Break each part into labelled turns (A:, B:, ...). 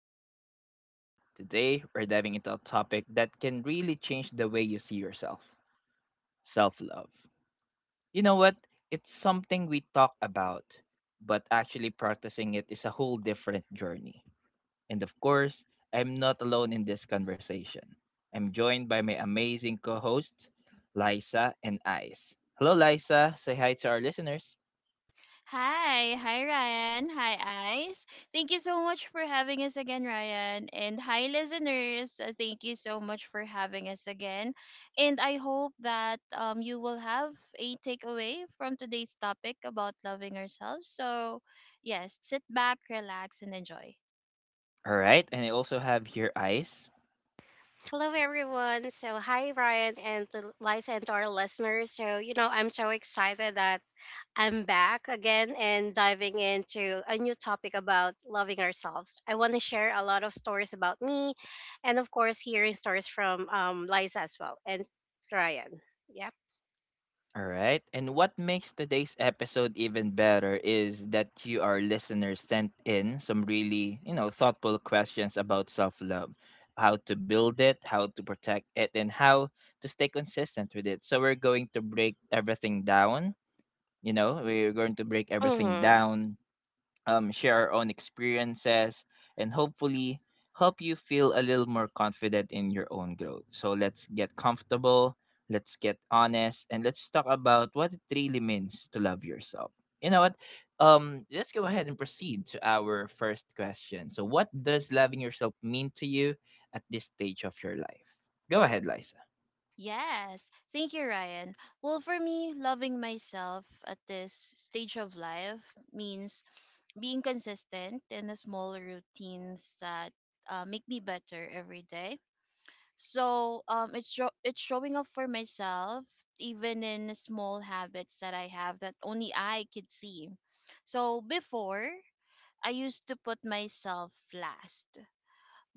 A: to the podcast. Today, we're diving into a topic that can really change the way you see yourself, self love. You know what? It's something we talk about, but actually practicing it is a whole different journey. And of course, I'm not alone in this conversation. I'm joined by my amazing co host, Liza and Ice. Hello, Liza. Say hi to our listeners.
B: Hi, hi Ryan, hi Ice. Thank you so much for having us again, Ryan. And hi listeners. Thank you so much for having us again. And I hope that you will have a takeaway from today's topic about loving ourselves. So yes, sit back, relax and enjoy.
A: All right, and I also have here Ice.
C: Hello, everyone. Hi, Ryan and to Liza and to our listeners. So, you know, I'm so excited that I'm back again and diving into a new topic about loving ourselves. I want to share a lot of stories about me and, of course, hearing stories from Liza as well and Ryan. Yep.
A: All right. And what makes today's episode even better is that you, our listeners, sent in some really, you know, thoughtful questions about self love, how to build it, how to protect it, and how to stay consistent with it. So we're going to break everything down. You know, we're going to break everything
C: Mm
A: down, share our own experiences, and hopefully help you feel a little more confident in your own growth. So let's get comfortable, let's get honest, and let's talk about what it really means to love yourself. You know what? Let's go ahead and proceed to our first question. So, what does loving yourself mean to you at this stage of your life? Go ahead, Liza.
B: Yes, thank you, Ryan. Well, for me, loving myself at this stage of life means being consistent in the small routines that make me better every day. So it's showing up for myself, even in the small habits that I have that only I could see. So before, I used to put myself last.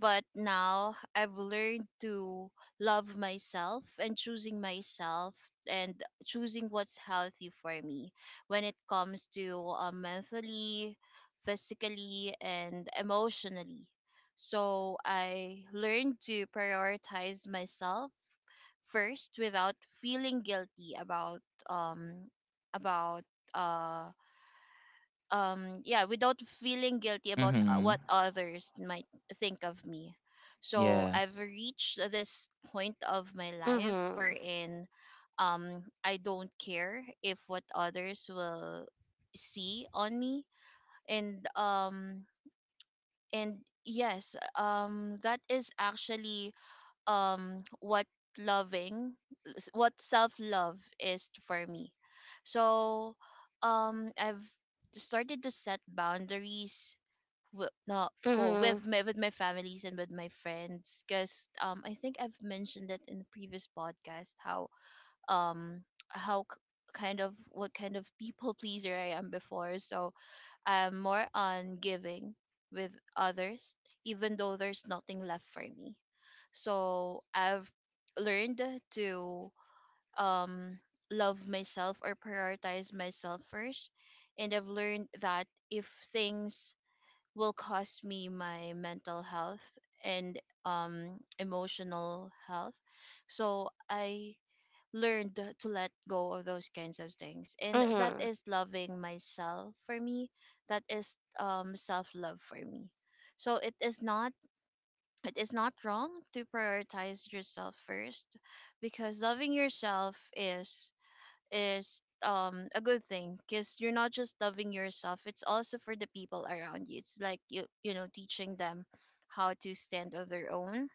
B: But now I've learned to love myself and choosing what's healthy for me when it comes to mentally, physically, and emotionally. So I learned to prioritize myself first without feeling guilty um about uh, yeah without feeling guilty about
A: Mm-hmm.
B: what others might think of me. So
A: Yes.
B: I've reached this point of my
C: hmm.
B: life
C: Mm
B: wherein I don't care if what others will see on me. And um and Yes, that is actually um what loving what self love is for me. So I've started to set boundaries with, not
C: hmm.
B: for
C: Mm
B: with my families and with my friends, because I think I've mentioned it in the previous podcast um how what kind of people pleaser I am before. So I'm more on giving with others, even though there's nothing left for me. So I've learned to um, love myself or prioritize myself first. And I've learned that if things will cost me my mental health and emotional health, so I learned to let go of those kinds of things, and
C: hmm.
B: that
C: Mm
B: is loving myself for me. That is self love for me. So it is not it is not wrong to prioritize yourself first, because loving
A: Mm-hmm.
B: yourself is a good thing, because you're not just loving yourself, it's also for the people around you. It's like you know, teaching them how to stand on their own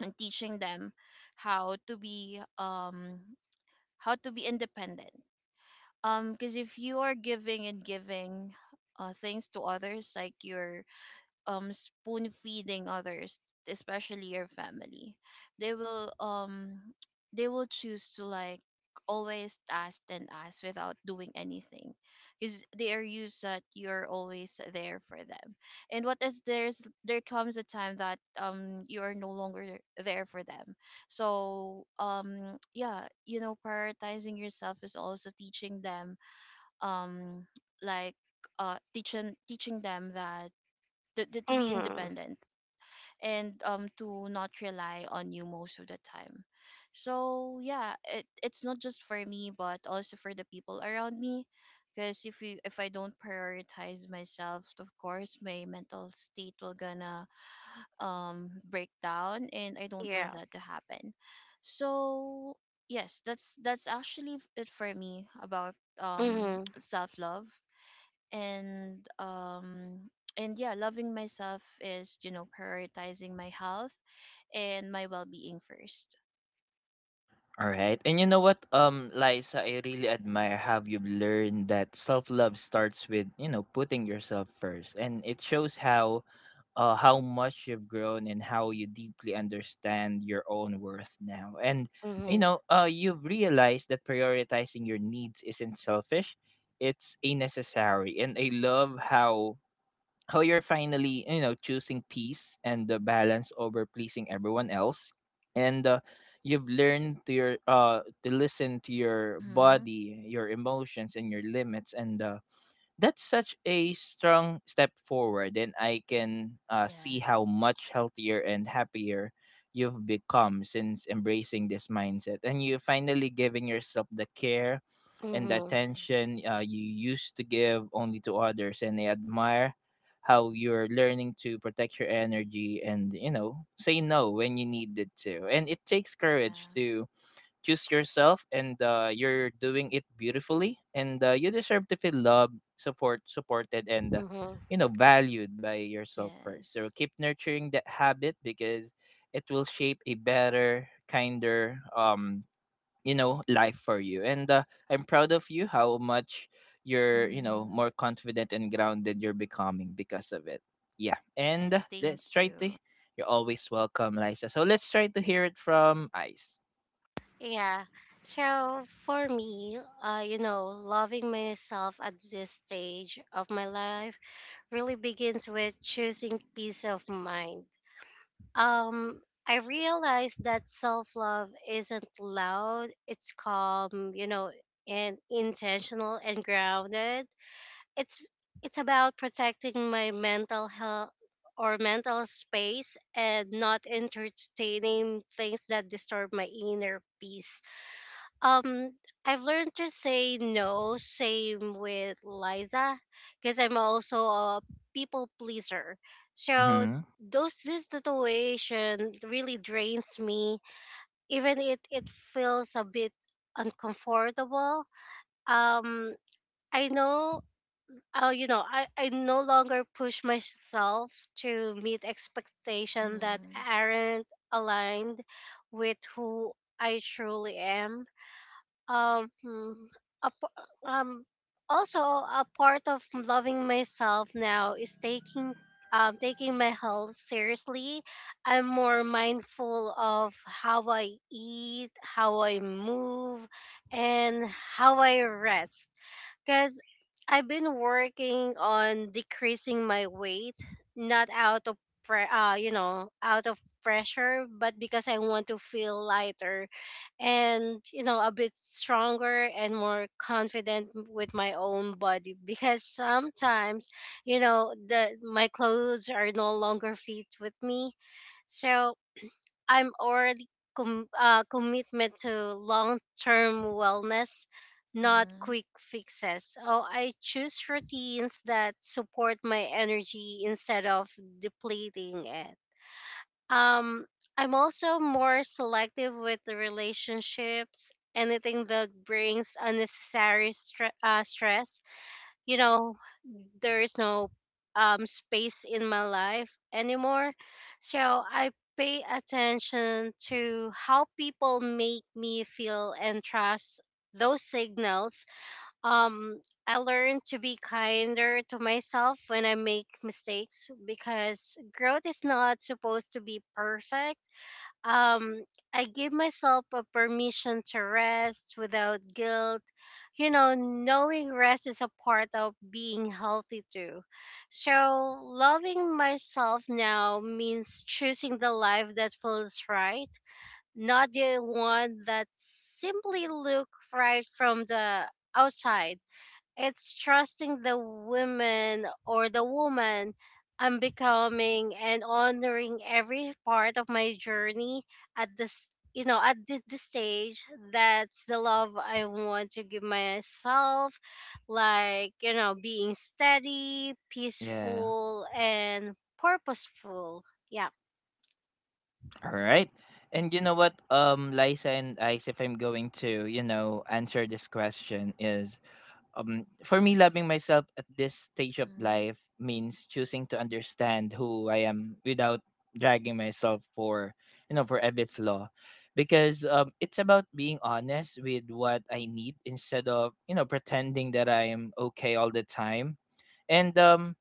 B: and teaching them how to be um how to be independent. Because if you are giving and giving things to others, like you're spoon feeding others, especially your family, they will um they will choose to, like, always ask and ask without doing anything, because they are used that you're always there for them. And what is there comes a time that you are no longer there for them. So yeah, you know, prioritizing yourself is also teaching them, um like, teaching them that to, to
C: hmm.
B: to be
C: Mm hmm.
B: independent, and to not rely on you most of the time. So yeah, it's not just for me but also for the people around me, because if I don't prioritize myself, of course my mental state will gonna break down, and I don't want
C: Yeah.
B: that to happen. So yes, that's actually it for me about
C: Mm
B: um
C: hmm.
B: self love. And um and yeah, loving myself is, you know, prioritizing my health and my well-being first.
A: All right. And you know what, Liza, I really admire how you've learned that self-love starts with, you know, putting yourself first. And it shows how much you've grown and how you deeply understand your own worth now. And you
C: Mm
A: know, you've realized that prioritizing your needs isn't selfish. It's a necessary. And I love how you're finally, you know, choosing peace and the balance over pleasing everyone else, and you've learned to your to listen to your
B: Mm-hmm.
A: body, your emotions, and your limits, and that's such a strong step forward, and I can, see how
B: Yes.
A: much healthier and happier you've become since embracing this mindset. And you finally giving yourself the care and the
C: hmm.
B: Yes.
A: attention you used to give only to others. And I admire how you're learning to protect your energy and, you know, say no when you need it to. And it takes courage
B: Yeah.
A: to choose yourself, and you're doing it beautifully, and you deserve to feel loved, support, supported, and
C: Mm hmm.
A: you know, valued by yourself first, so
B: Yes.
A: keep nurturing that habit because it will shape a better, kinder, you know, life for you, and I'm proud of you how much you're, you know,
B: Mm-hmm.
A: more confident and grounded you're becoming because of it. Yeah, and
B: Yes,
A: uh, let's
B: thank
A: try to,
B: you.
A: you're always welcome, Liza. So let's try to hear it from Ice.
C: Yeah. So for me, you know, loving myself at this stage of my life really begins with choosing peace of mind. Um, I realize that self love isn't loud, it's calm, you know, and intentional and grounded. It's it's about protecting my mental health or mental space and not entertaining things that disturb my inner peace. Um, I've learned to say no, same with Liza, because I'm also a people pleaser. So
A: Mm-hmm.
C: those this situation really drains me. Even it feels a bit uncomfortable. Um, I know. You know, I no longer push myself to meet expectations that
B: Mm-hmm.
C: aren't aligned with who I truly am. um a, p- um Also a part of loving myself now is taking taking my health seriously. I'm more mindful of how I eat, how I move, and how I rest, because I've been working on decreasing my weight, not out of you know, out of pressure, but because I want to feel lighter and, you know, a bit stronger and more confident with my own body, because sometimes, you know, the my clothes are no longer fit with me. So I'm already commitment to long-term wellness, not
B: Mm-hmm.
C: quick fixes. Oh, I choose routines that support my energy instead of depleting it. Um, I'm also more selective with the relationships. Anything that brings unnecessary stress, you know, there is no space in my life anymore. So I pay attention to how people make me feel and trust those signals. um I learned to be kinder to myself when I make mistakes, because growth is not supposed to be perfect. um I gave myself a permission to rest without guilt. You know, knowing rest is a part of being healthy too. So, loving myself now means choosing the life that feels right, not the one that simply look right from the outside. It's trusting the woman I'm becoming and honoring every part of my journey at this, you know, at this stage. That's the love I want to give myself, like, you know, being steady,
A: Yeah.
C: peaceful, and purposeful. Yeah.
A: All right. And you know what, Liza and Ice, if I'm going to, you know, answer this question is, for me loving myself at this stage of
B: Mm-hmm.
A: life means choosing to understand who I am without dragging myself for, you know, for every flaw because, it's about being honest with what I need instead of, you know, pretending that I am okay all the time. And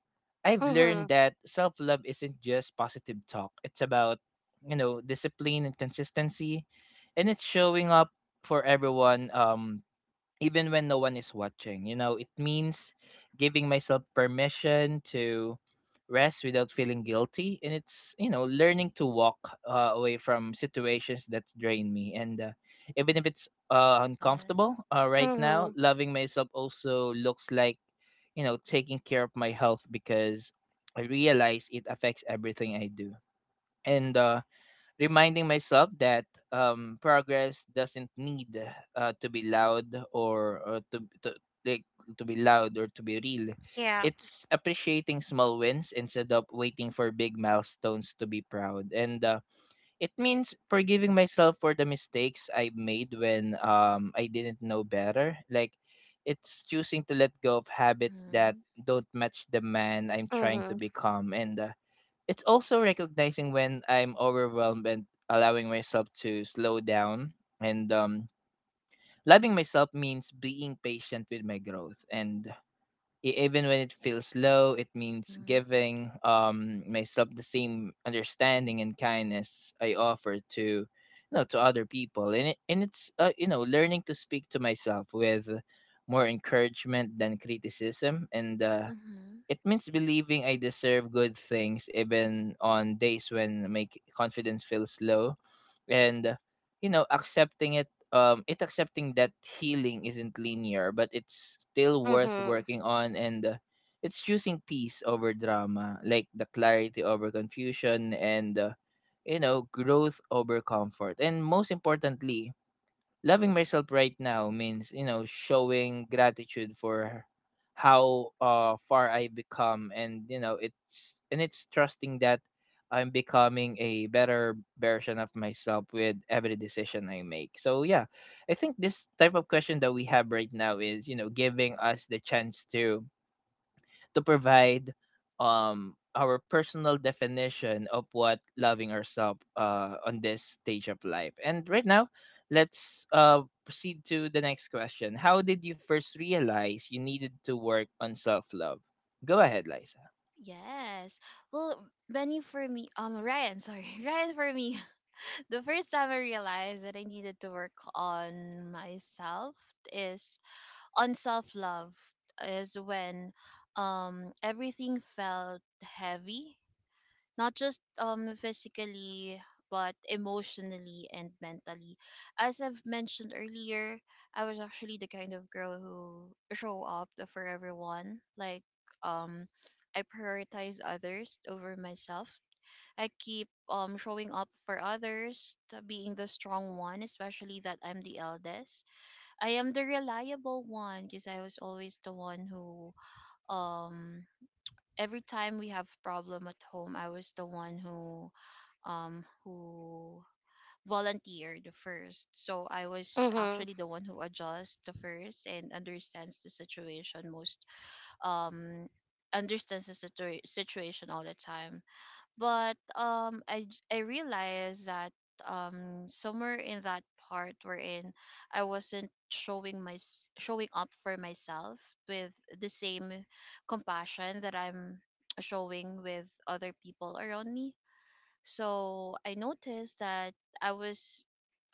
A: I've
C: Mhm.
A: learned that self-love isn't just positive talk, it's about, you know, discipline and consistency, and it's showing up for everyone, even when no one is watching. You know, it means giving myself permission to rest without feeling guilty. And it's, you know, learning to walk away from situations that drain me. And even if it's, uncomfortable
B: Yes.
A: right now,
C: Mhm.
A: loving myself also looks like, you know, taking care of my health because I realize it affects everything I do. And reminding myself that, progress doesn't need, to be loud or to like to be loud or to be real.
C: Yeah.
A: It's appreciating small wins instead of waiting for big milestones to be proud. And it means forgiving myself for the mistakes I made when, I didn't know better. Like, it's choosing to let go of habits that
B: Mm-hmm.
A: don't match the man I'm trying to
C: Mhm.
A: become. And it's also recognizing when I'm overwhelmed and allowing myself to slow down. And loving myself means being patient with my growth. And even when it feels low, it means
B: Mm-hmm.
A: giving, myself the same understanding and kindness I offer to, you know, to other people. And it's, you know, learning to speak to myself with more encouragement than criticism, and
B: Mm-hmm.
A: it means believing I deserve good things even on days when my confidence feels low, and, you know, accepting it, accepting that healing isn't linear but it's still worth
C: Mhm.
A: working on, and it's choosing peace over drama, like the clarity over confusion, and you know, growth over comfort, and most importantly, loving myself right now means, you know, showing gratitude for how far I become, and you know it's, and it's trusting that I'm becoming a better version of myself with every decision I make. So yeah, I think this type of question that we have right now is, you know, giving us the chance to provide, our personal definition of what loving ourselves on this stage of life. And right now, let's proceed to the next question. How did you first realize you needed to work on self-love? Go ahead, Liza.
B: Yes. Well benny for me um ryan sorry Ryan, for me, the first time I realized that I needed to work on myself is on self love is when everything felt heavy, not just physically but emotionally and mentally. As I've mentioned earlier, I was actually the kind of girl who show up for everyone. Like, um I prioritize others over myself. I keep showing up for others, to being the strong one, especially that I'm the eldest. I am the reliable one, because I was always the one who, um every time we have problem at home, I was the one who um who volunteered first. So I was
C: Mhm.
B: actually the one who adjusts the first and understands the situation most, um situation all the time. But I realized that somewhere in that part, wherein I wasn't showing up for myself with the same compassion that I'm showing with other people around me. So I noticed that I was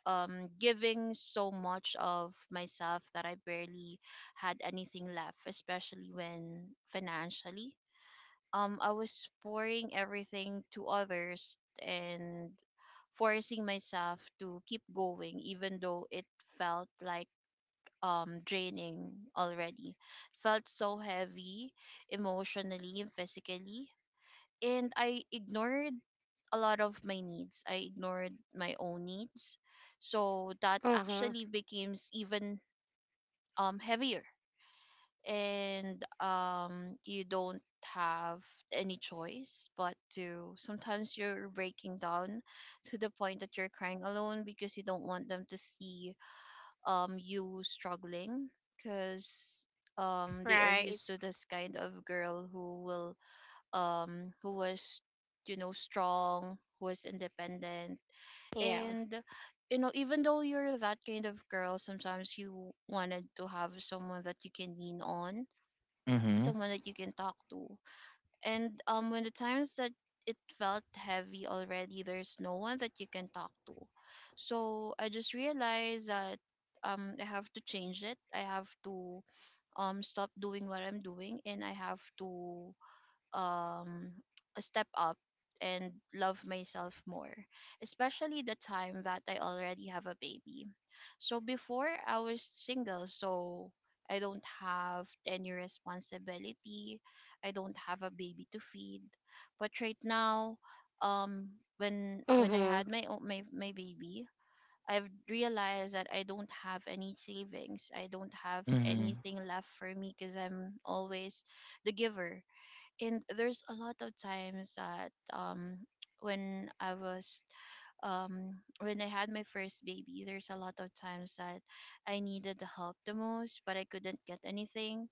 B: giving so much of myself that I barely had anything left, especially when financially, I was pouring everything to others and forcing myself to keep going even though it felt like draining already. It felt so heavy emotionally and physically, and I ignored a lot of my needs. I ignored my own needs. So that
C: Mhm.
B: actually becomes even heavier, and you don't have any choice but to, sometimes you're breaking down to the point that you're crying alone, because you don't want them to see you struggling, because they are
C: Right.
B: used to this kind of girl who will who was, you know, strong, who was independent.
C: Yeah.
B: And you know, even though you're that kind of girl, sometimes you wanted to have someone that you can lean on,
A: Mm-hmm.
B: someone that you can talk to. And when the times that it felt heavy already, there's no one that you can talk to. So I just realized that I have to change it. I have to stop doing what I'm doing, and I have to um a step up and love myself more, especially the time that I already have a baby. So before, I was single, so I don't have any responsibility. I don't have a baby to feed. But right now, um when when I
C: Mhm.
B: had my baby, I've realized that I don't have any savings. I don't have
A: Mm-hmm.
B: anything left for me, because I'm always the giver. And there's a lot of times that, when I was when I had my first baby, there's a lot of times that I needed the help the most, but I couldn't get anything.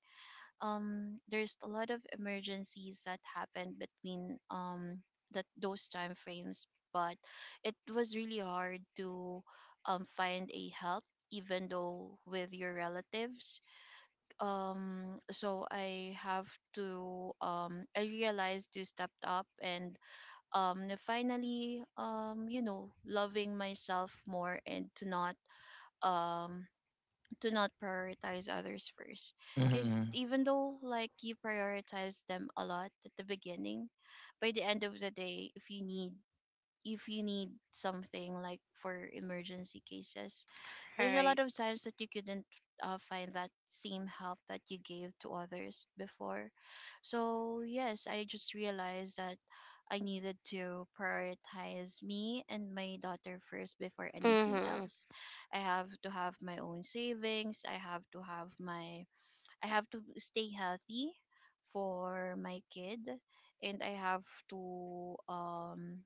B: There's a lot of emergencies that happened between, that those time frames, but it was really hard to find a help, even though with your relatives. So I have to, I realized to step up and finally, you know, loving myself more and to not, um to not prioritize others first. Because
A: Mm-hmm.
B: even though like you prioritize them a lot at the beginning, by the end of the day, if you need something like for emergency cases, there's a lot
C: Right.
B: of times that you couldn't find that same help that you gave to others before. So yes, I just realized that I needed to prioritize me and my daughter first before anything
C: Mhm.
B: else. I have to have my own savings. I have to stay healthy for my kid, and I have to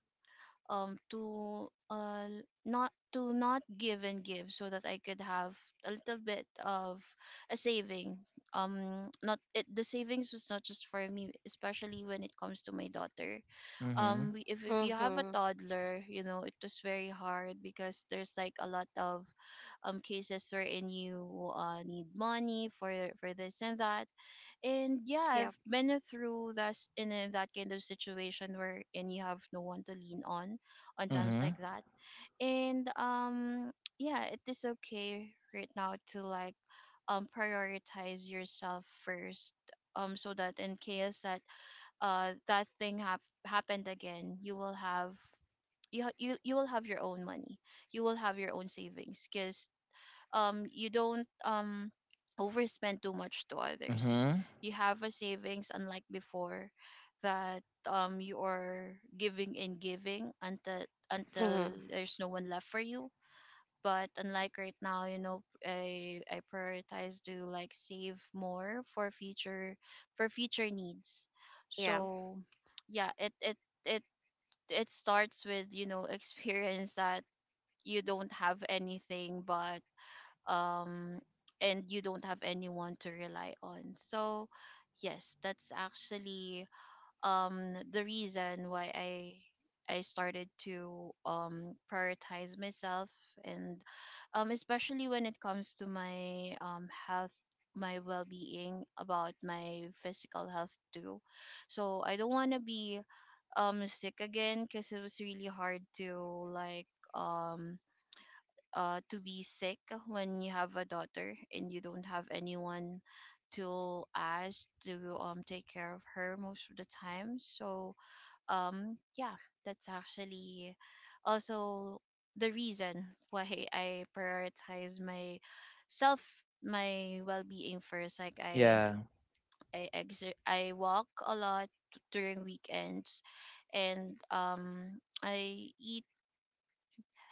B: um to uh not, to not give and give, so that I could have a little bit of a saving. Um, not, it the savings was not just for me, especially when it comes to my daughter.
A: Mm-hmm.
B: Um, we, if you have a
C: Mhm.
B: toddler, you know it was very hard, because there's like a lot of cases wherein you need money for this and that. And yeah,
C: Yep.
B: I've been through that, that kind of situation where, and you have no one to lean on times like
A: Mm-hmm.
B: that. And yeah, it is okay right now to, like, prioritize yourself first, so that in case that that thing happened again, you will have, you you will have your own money, you will have your own savings, because you don't overspend too much to others.
A: Mm-hmm.
B: You have a savings, unlike before, that you are giving and giving until
C: Mhm.
B: there's no one left for you. But unlike right now, you know, I prioritize to, like, save more for future, for future needs.
C: Yeah.
B: So yeah, it it starts with, you know, experience that you don't have anything, but um, and you don't have anyone to rely on. So yes, that's actually the reason why I started to, prioritize myself, and especially when it comes to my health, my well-being, about my physical health too. So I don't want to be sick again, because it was really hard to, like, um to be sick when you have a daughter and you don't have anyone to ask to take care of her most of the time. So yeah, that's actually also the reason why I prioritize my self, my well-being first. Like I,
A: Yeah.
B: I walk a lot during weekends, and I eat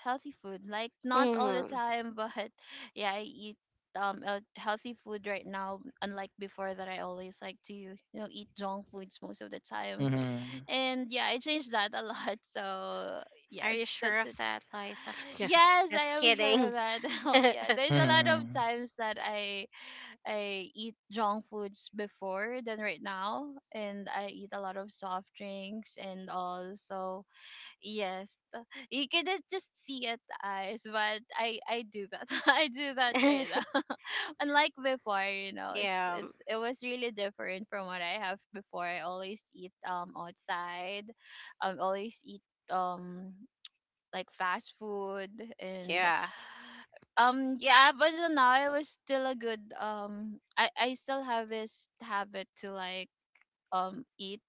B: healthy food. Like, not all the
C: Mhm.
B: time, but yeah, I eat healthy food right now. Unlike before, that I always like to eat junk foods most of the time.
A: Mm-hmm.
B: And yeah, I changed that a lot. So
C: Are you
B: yes,
C: sure
B: that's
C: of
B: it.
C: that, Liza? Yeah.
B: Yes, I
C: Just
B: am sure of
C: kidding.
B: that. Oh, yeah, there's a lot of
A: Mm-hmm.
B: times that I eat junk foods before than right now, and I eat a lot of soft drinks and all. So yes, you couldn't just see it eyes, but I do that. I do that right now. Unlike before, you know, it's
C: Yeah.
B: it's it was really different from what I have before. I always eat outside. Always eat um like fast food and
C: Yeah.
B: yeah, but until now I was still a good um, I still have this habit to like eat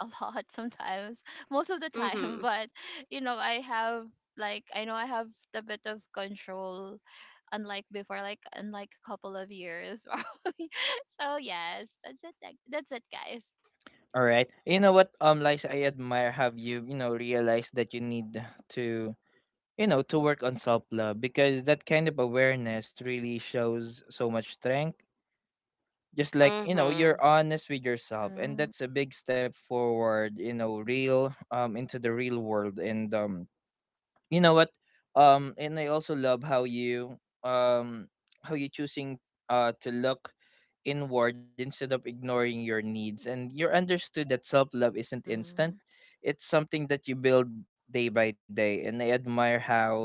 B: a lot sometimes, most of the time.
C: Mhm.
B: But you know, I have like I know I have a bit of control, unlike before, like unlike a couple of years probably. So yes, that's it. That's it, guys.
A: All right. You know what, Liza, I admire have you, you know, realized that you need to, you know, to work on self love because that kind of awareness really shows so much strength, just like, you know, you're
C: Mhm.
A: honest with yourself, and
B: Mm-hmm.
A: that's a big step forward, you know, real into the real world, and you know what, and I also love how you, um how you choosing to look inward instead of ignoring your needs, and you're understood that self love isn't
B: Mm-hmm.
A: instant, it's something that you build day by day. And I admire how,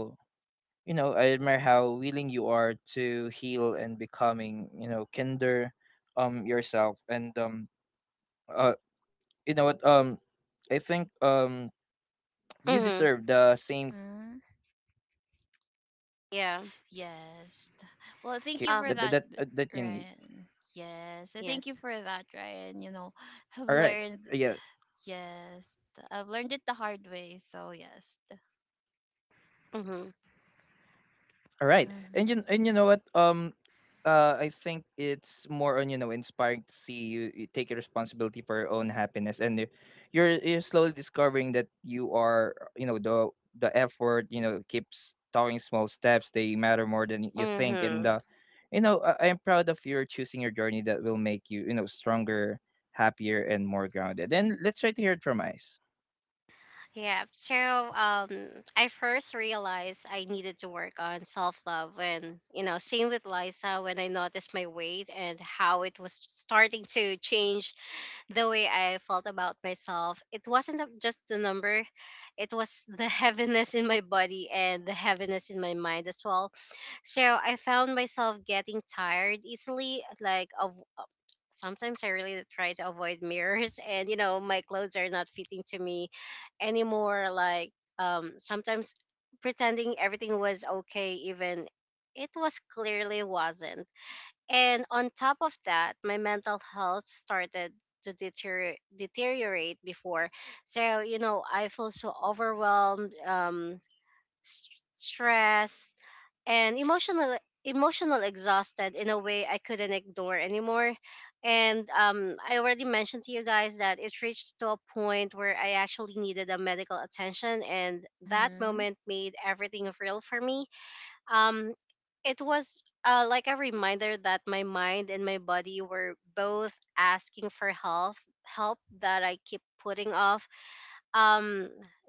A: you know, I admire how willing you are to heal and becoming, you know, kinder, yourself, and uh you know what, I think, you
C: Mhm.
A: deserve the same care
B: Mm-hmm.
A: and, you know, uh patience
C: Yeah.
A: that
B: Yes. th- Well,
A: that
B: thank
A: that
B: you
A: that,
B: for
C: Um.
A: uh,
B: that,
A: that you need.
B: Ryan. Yes, I
A: All
B: thank you
A: right.
C: Yes.
B: for that,
A: Yeah.
B: Ryan. You know, I've learned. Yes, I've learned it the hard way. So yes.
A: All right.
C: Mhm.
A: And you know what,
B: Mm-hmm.
A: I think it's more on, you know, inspiring to see you, you take responsibility for your own happiness, and you're slowly discovering that you are, you know, the effort, you know, keeps talking small steps, they matter more than you think, and
C: Mhm.
A: you know, I'm proud of your choosing your journey that will make you, you know, stronger, happier, and more grounded. And let's try to hear it from Ice.
C: Yeah. So I first realized I needed to work on self love and, you know, same with Liza, when I noticed my weight and how it was starting to change the way I felt about myself. It wasn't a- just the number, it was the heaviness in my body and the heaviness in my mind as well. So I found myself getting tired easily, like of sometimes I really try to avoid mirrors, and you know my clothes are not fitting to me anymore. Like, sometimes pretending everything was okay even it was clearly wasn't. And on top of that, my mental health started to deteriorate before. So, you know, I feel so overwhelmed, s- stress, and emotional exhausted in a way I couldn't ignore anymore. And I already mentioned to you guys that it reached to a point where I actually needed a medical attention, and that
B: Mm-hmm.
C: moment made everything real for me. um it was, like a reminder that my mind and my body were both asking for help, help that I keep putting off. um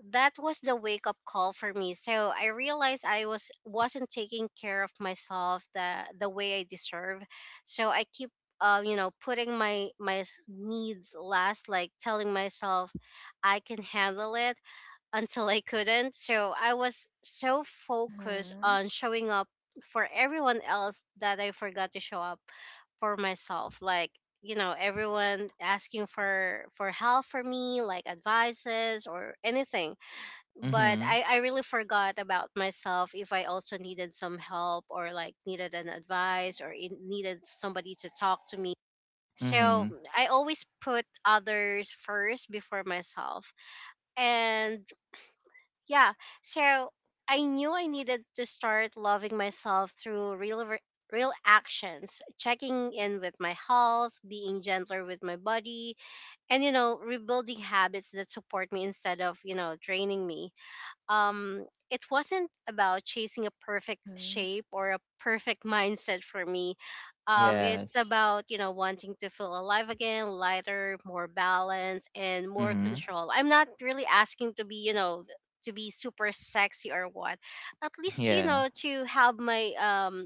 C: that was the wake up call for me. So I realized I wasn't taking care of myself the way I deserve. So I keep, you know, putting my my needs last, like telling myself I can handle it, until I couldn't. So I was so focused
B: Mhm.
C: on showing up for everyone else that I forgot to show up for myself. Like, you know, everyone asking for help for me, like advices or anything. But
A: Mm-hmm.
C: I really forgot about myself if I also needed some help, or like needed an advice, or it needed somebody to talk to me. So
A: Mm-hmm.
C: I always put others first before myself. And yeah. So I knew I needed to start loving myself through real actions, checking in with my health, being gentler with my body, and, you know, rebuilding habits that support me instead of, you know, draining me. um, it wasn't about chasing a perfect
B: Mhm.
C: shape or a perfect mindset for me. It's
A: Yes.
C: about, you know, wanting to feel alive again, lighter, more balanced, and more
A: Mm-hmm.
C: control. I'm not really asking to be, you know, to be super sexy or what. At least, you
A: Yeah.
C: know, to have my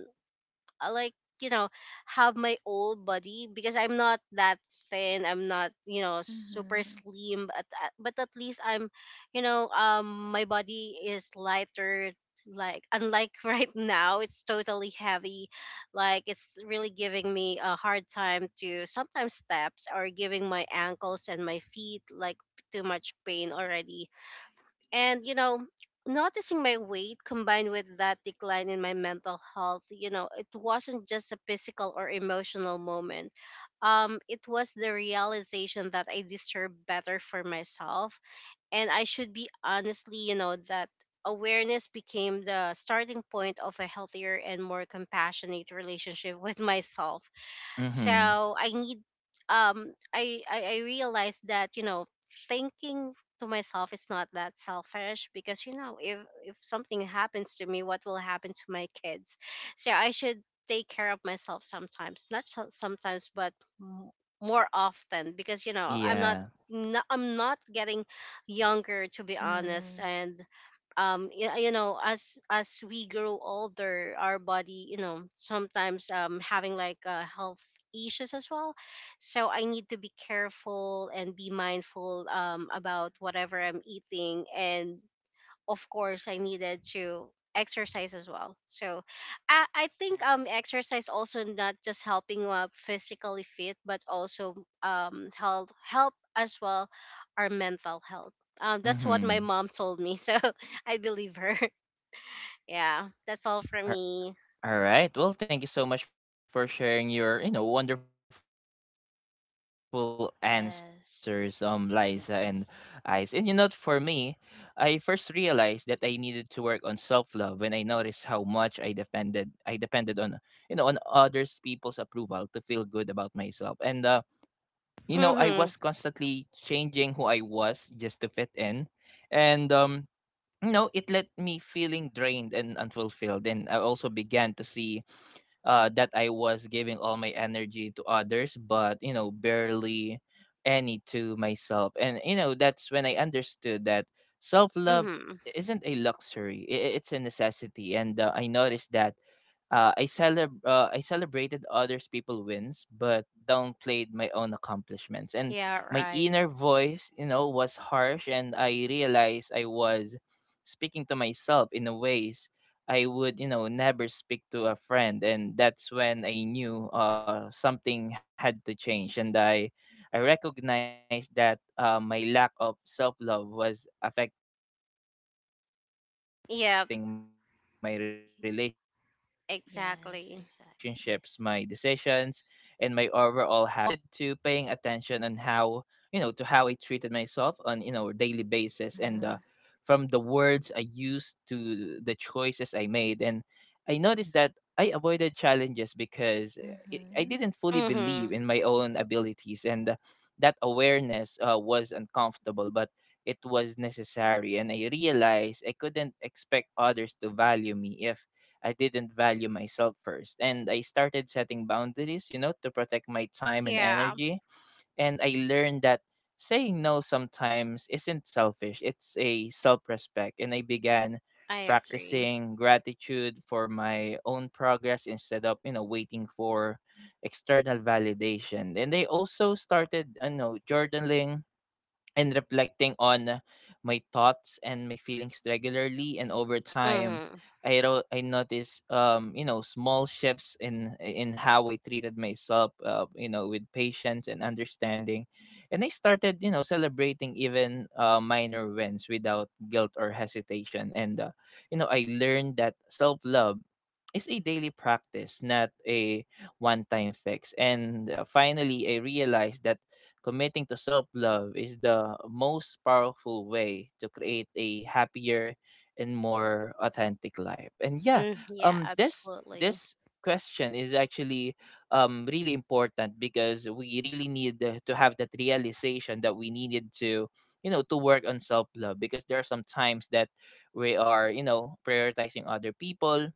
C: I like, you know, have my old body, because I'm not that thin, I'm not, you know, super
B: Mhm.
C: slim, but at least I'm, you know, my body is lighter. Like unlike right now it's totally heavy. Like it's really giving me a hard time to sometimes steps, or giving my ankles and my feet like too much pain already. And, you know, noticing my weight combined with that decline in my mental health, you know, it wasn't just a physical or emotional moment. It was the realization that I deserve better for myself. And I should be honestly, you know, that awareness became the starting point of a healthier and more compassionate relationship with myself.
A: Mm-hmm.
C: So I need, I realized that, you know, thinking to myself is not that selfish, because, you know, if something happens to me what will happen to my kids. So I should take care of myself sometimes, not so- sometimes, but m- more often, because, you know, I'm not,
A: Yeah.
C: I'm not getting younger to be honest.
B: Mhm.
C: And you you know, as we grow older, our body, you know, sometimes having like a health issues as well. So I need to be careful and be mindful about whatever I'm eating. And of course, I needed to exercise as well. So I think
B: Yes.
C: exercise also not just helping up physically fit, but also help as well our mental health. That's what my
A: Mm-hmm.
C: mom told me. So I believe her. Yeah, that's all for me.
A: All right. Well, thank you so much for sharing your, you know, wonderful answers, Liza and Ice. And you know, for
B: Yes.
A: me, I first
B: Yes.
A: realized that I needed to work on self-love when I noticed how much I depended on, you know, on others, people's approval to feel good about myself. And you know, I was
C: Mm-hmm.
A: constantly changing who I was just to fit in, and you know, it let me feeling drained and unfulfilled. And I also began to see, that I was giving all my energy to others, but, you know, barely any to myself. And you know, that's when I understood that self love
C: Mm-hmm.
A: isn't a luxury; it's a necessity. And I noticed that, I celebrated others people wins, but downplayed my own accomplishments. And
C: Yeah,
A: my
C: right.
A: inner voice, you know, was harsh, and I realized I was speaking to myself in a way I would, you know, never speak to a friend, and that's when I knew, something had to change, and I recognized that, my lack of self love was affecting my relationships, my decisions, and
C: Yeah,
A: my overall happiness.
B: Yes.
A: And I also
B: Yes,
C: exactly.
A: started to,
B: exactly.
A: yeah, and I also started to paying attention on how, you know, to how I treated myself on, you know, daily basis, and from the
B: Mhm.
A: words I used to the choices I made, and I noticed that I avoided challenges because I didn't
B: Mhm.
A: fully believe in
C: Mm-hmm.
A: my own abilities, and that awareness, was uncomfortable but it was necessary, and I realized I couldn't expect others to value me if I didn't value myself first. And I started setting boundaries, you know, to protect my time and
C: Yeah,
A: energy. And I learned that saying no sometimes isn't selfish, it's a self respect. And I began
C: I agree.
A: practicing gratitude for my own progress instead of, you know, waiting for external validation. And I also started, journaling and reflecting on my thoughts and my feelings regularly, and over time
C: Mm-hmm.
A: I noticed small shifts in how I treated myself, with patience and understanding. And I started celebrating even minor wins without guilt or hesitation. And uh, you know i learned that self love is a daily practice, not a one time fix. And finally, I realized that committing to self love is the most powerful way to create a happier and more authentic life. And yeah.
C: Mm, yeah,
A: um, this
C: absolutely.
A: this question is actually really important, because we really need to have that realization that we needed to, to work on self love, because there are some times that we are, prioritizing other people,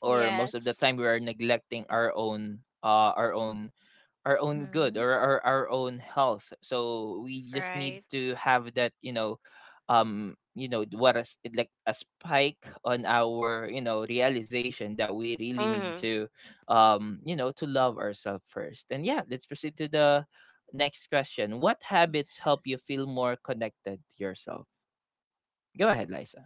A: or most of the
C: Yes.
A: time we are neglecting our own good,
B: Mhm.
A: or our own health. So we just need
C: Right.
A: to have that, what is it, like a spike on our, realization that we really need
C: Mm-hmm.
A: to, to love ourselves first. And yeah, let's proceed to the next question. What habits help you
B: Yes.
A: feel more connected to yourself? Go ahead, Liza.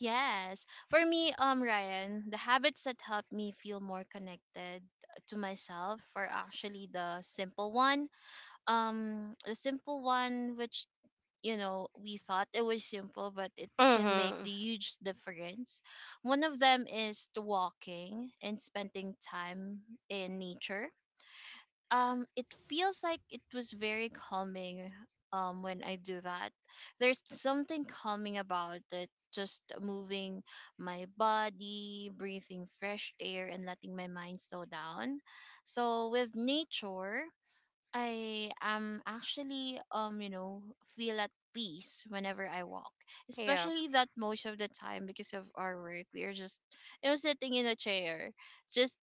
B: Yes. For me, Ryan, the habits that help me feel more connected to myself are actually the simple one. The simple one which you know we thought it was simple but it can make
C: Mm-hmm.
B: the huge difference. One of them is the walking and spending time in nature. Um, it feels like it was very calming when I do that. There's something calming about it, just moving my body, breathing fresh air, and letting my mind slow down. So with nature I am actually, you know, feel at peace whenever I walk,
C: Yeah.
B: especially that most of the time because of our work we are just, you know, sitting in a chair, just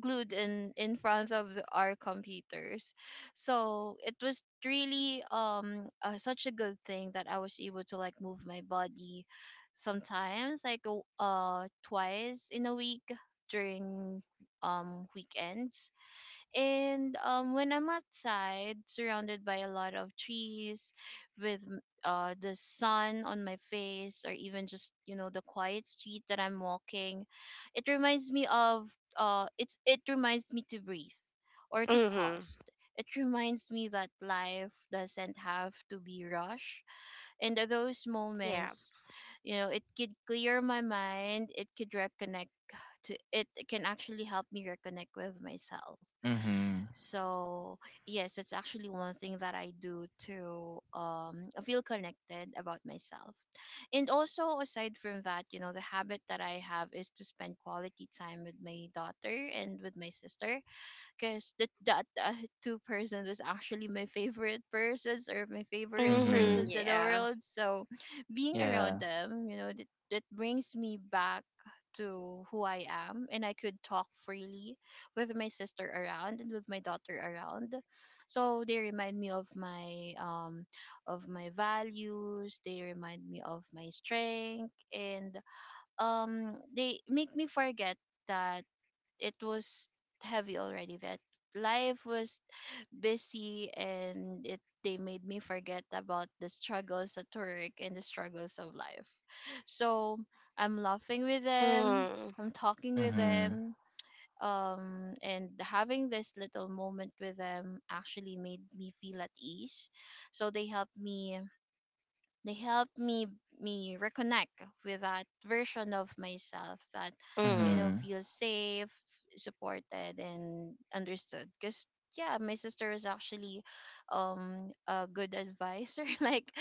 B: glued in front of our computers. So it was really such a good thing that I was able to like move my body sometimes like twice in a week during weekends. And when I'm outside, surrounded by a lot of trees, with the sun on my face, or even just, you know, the quiet street that I'm walking, it reminds me of it's It reminds me to breathe or to
C: Mm-hmm.
B: pause. It reminds me that life doesn't have to be rushed, and that those
C: Yeah.
B: moments, you know, it could clear my mind. It can actually help me reconnect with myself.
A: Lisa. Mhm.
B: So yes, that's actually one thing that I do to, feel connected about myself. And also aside from that, you know, the habit that I have is to spend quality time with my daughter and with my sister, because that that two persons is actually my favorite persons or my favorite
C: Mm-hmm.
A: Mhm.
B: persons in the
C: Yeah.
B: world. So being around
A: Yeah.
B: them, you know, that brings me back to who I am, and I could talk freely with my sister around and with my daughter around. So they remind me of my values. They remind me of my strength, and they make me forget that it was heavy already, that life was busy, and it they made me forget about the struggles at work and the struggles of life. So I'm laughing with them,
C: Mm-hmm.
B: I'm talking with
A: Mhm.
B: them, and having this little moment with them actually made me feel at ease. So they helped me reconnect with that version of myself that, you know,
A: Mhm.
B: feels safe, supported, and understood. Cause yeah, my sister was actually a good advisor. Like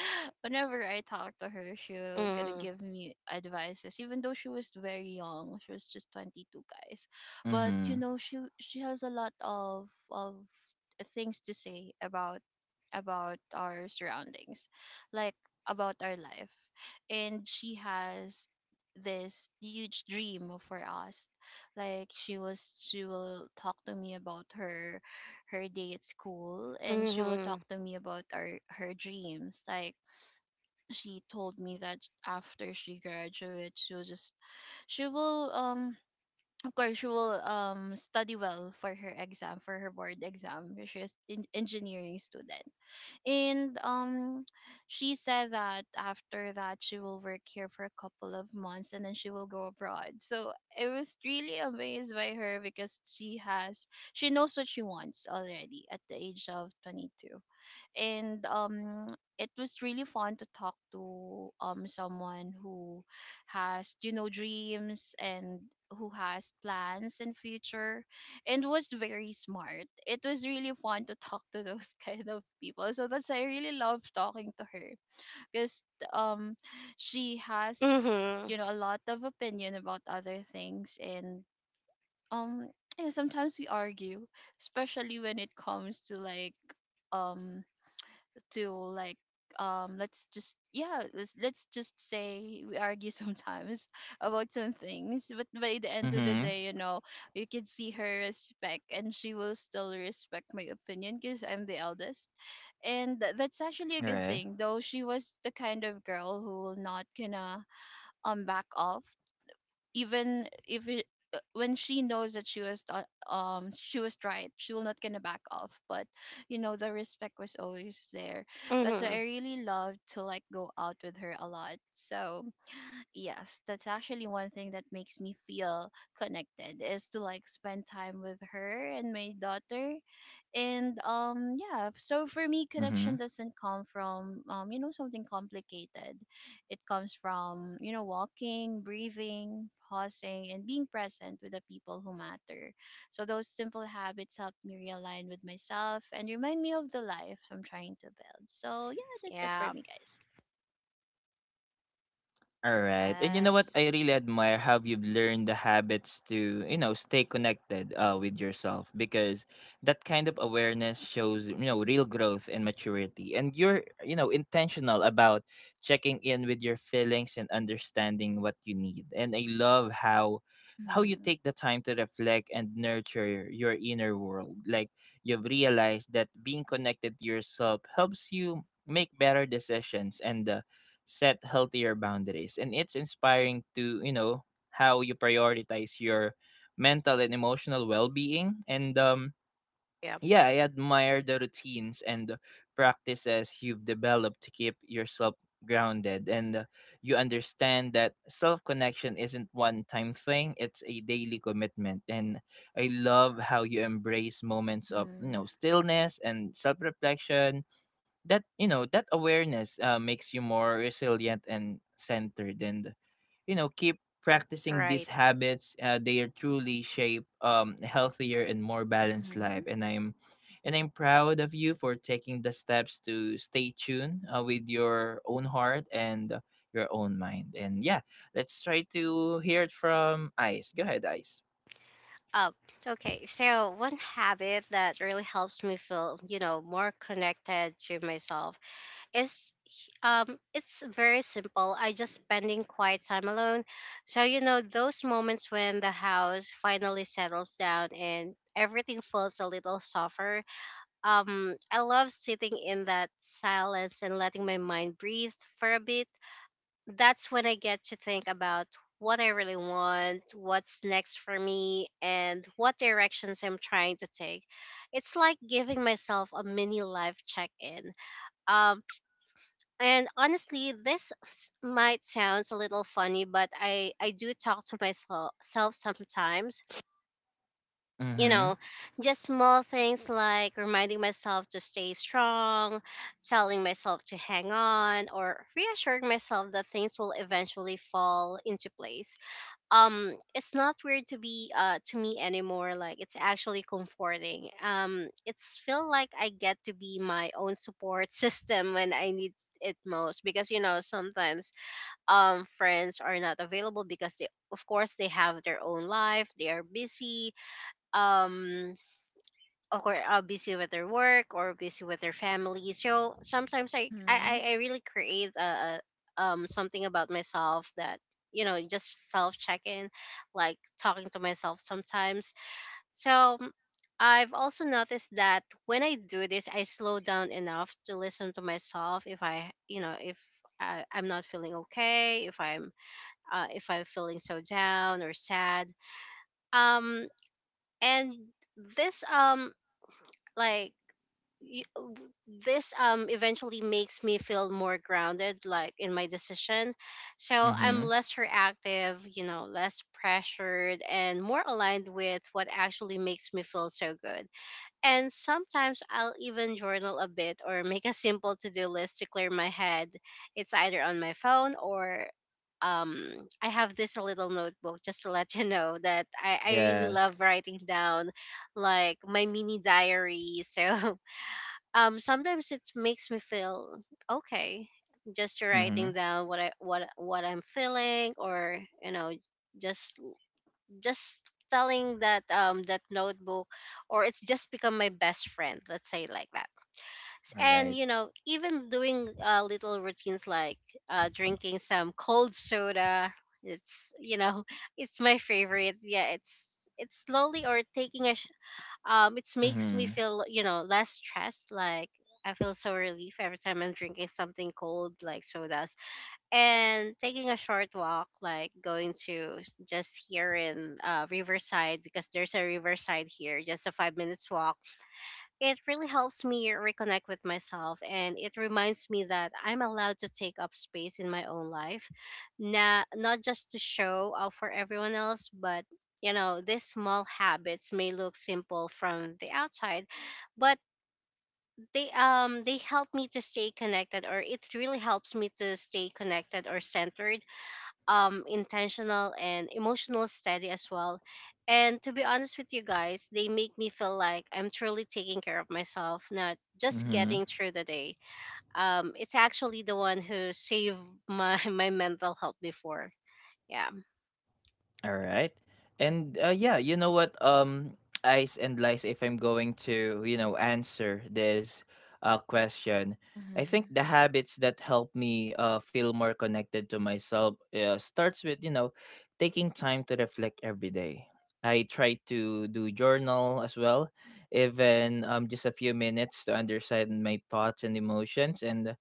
B: whenever I talk to her, she'll gonna
C: Mm-hmm.
B: give me advices. Even though she was very young, she was just 22, guys. But you know,
A: Mhm.
B: she has a lot of things to say about our surroundings, like about our life. And she has this huge dream for us. Like she will talk to me about her day at school, and she will talk
C: Mm-hmm.
B: to me about our her dreams. Like she told me that after she graduates she will just she will of course she will study well for her exam, for her board exam. She's an engineering student, and she said that after that she will work here for a couple of months and then she will go abroad. So I was really amazed by her because she knows what she wants already at the age of 22. And it was really fun to talk to someone who has, you know, dreams and who has plans in future, and was very smart. It was really fun to talk to those kind of people. So that's, I really love talking to her because um she has,
C: Mm-hmm. Mm-hmm.
B: you know, a lot of opinion about other things. And um yeah, sometimes we argue, especially when it comes to like um to like let's just yeah let's just say we argue sometimes about some things.
A: Mhm.
B: But by the end of the day, you know, you can see her respect, and she will still respect my opinion because I'm the eldest. And
A: All
B: that's
A: right.
B: actually a good thing, though. She was the kind of girl who will not gonna back off even if it, when she knows that she was she was right, she will not gonna back off, but you know, the respect was always there. That's why
C: Mm-hmm.
B: I really love to like go out with her a lot. So yes, that's actually one thing that makes me feel connected, is to like spend time with her and my daughter.
A: Mm-hmm.
B: And yeah, so for me connection doesn't come from, you know, something complicated. It comes from, you know, walking, breathing, pausing, and being present with the people who matter. So those simple habits help me realign with myself and remind me of the life I'm trying to build. So yeah, that's it for
C: Yeah.
B: me, guys.
A: All right. And you know what? I really admire how you've
B: Yes.
A: learned the habits to, you know, stay connected with yourself, because that kind of awareness shows, you know, real growth and maturity. And you're, you know, intentional about checking in with your feelings and understanding what you need. And I love how you take the
B: Mhm.
A: time to reflect and nurture your inner world. Like, you've realized that being connected to yourself helps you make better decisions and set healthier boundaries. And it's inspiring to, how you prioritize your mental and emotional well-being. And
C: Yep.
A: yeah, I admire the routines and practices you've developed to keep yourself grounded, and you understand that self-connection isn't one-time thing, it's a daily commitment. And I love how you embrace moments of, you
B: Mhm.
A: know, stillness and self-reflection. That awareness makes you more resilient and centered, and, you know, keep practicing these
C: Right.
A: habits. They are truly shape healthier and more balanced life,
B: Mhm.
A: and I'm proud of you for taking the steps to stay tuned with your own heart and your own mind. And yeah, let's try to hear it from Ice. Go ahead, Ice.
C: Oh, okay. So one habit that really helps me feel, you know, more connected to myself is, it's very simple. I just spending quiet time alone. So, you know, those moments when the house finally settles down and everything feels a little softer. I love sitting in that silence and letting my mind breathe for a bit. That's when I get to think about what I really want, what's next for me, and what directions I'm trying to take. It's like giving myself a mini life check in. Um, and honestly, this might sound a little funny, but I do talk to myself self sometimes, you know,
A: Mm-hmm.
C: just small things like reminding myself to stay strong, telling myself to hang on, or reassuring myself that things will eventually fall into place. It's not weird to be to me anymore. Like it's actually comforting. It's feel like I get to be my own support system when I need it most because you know sometimes friends are not available because they of course they have their own life, they are busy um of course busy with their work or busy with their family. So sometimes i i,
B: Mhm.
C: I I really create a something about myself that, you know, just self check-in, like talking to myself sometimes. so mm, I've also noticed that when I do this, I slow down enough to listen to myself, if I, you know, if I'm not feeling okay, if I'm feeling so down or sad. Um and this like y- w- this eventually makes me feel more grounded, like in my decision, so I'm
A: Mm-hmm.
C: less reactive, you know, less pressured and more aligned with what actually makes me feel so good. And sometimes I'll even journal a bit or make a simple to-do list to clear my head. It's either on my phone or um I have this little notebook, just to let you know that I really love
A: Yes.
C: writing down, like my mini diary. Sometimes it makes me feel okay, just writing
A: Mm-hmm.
C: down what I what I'm feeling, or just just telling that that notebook. Or it's just become my best friend, let's say, like that.
A: All
C: And
A: right.
C: you know, even doing little routines like drinking some cold soda, it's, you know,
A: Mm-hmm.
C: it's my favorite. Yeah, it's slowly or taking a sh-. It makes me feel, you know, less stressed. Like I feel so relief every time I'm drinking something cold, like sodas. And taking a short walk, like going to just here in riverside, because there's a riverside here just a 5 minute walk. It really helps me reconnect with myself, and it reminds me that I'm allowed to take up space in my own life. Not, not just to show off for everyone else, but you know, these small habits may look simple from the outside, but they help me to stay connected, or it really helps me to stay connected or centered, intentional and emotional steady as well. And to be honest with you guys, they make me feel like I'm truly taking care of myself, not just getting
A: Mm-hmm.
C: through the day. It's actually the one who saved my my mental health before. Yeah.
A: All right. And yeah, you know what? Ice and Lice, if I'm going to, you know, answer this question, I think
B: Mhm.
A: the habits that help me feel more connected to myself starts with, you know, taking time to reflect every day. I try to do journal as well, even just a few minutes to understand my thoughts and emotions. And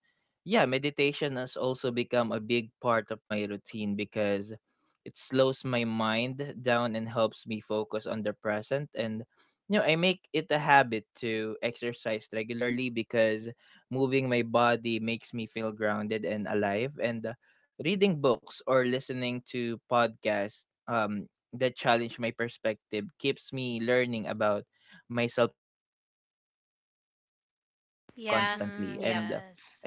A: yeah, meditation has also become a big part of my routine, because it slows my mind down and helps me focus on the present. And, you know, I make it a habit to exercise regularly, because moving my body makes me feel grounded and alive. And reading books or listening to podcasts that challenge my perspective keeps me learning about myself constantly. And I also practice
C: Yeah.
B: Mhm.
A: gratitude
C: Yep.
A: daily,
B: Yes.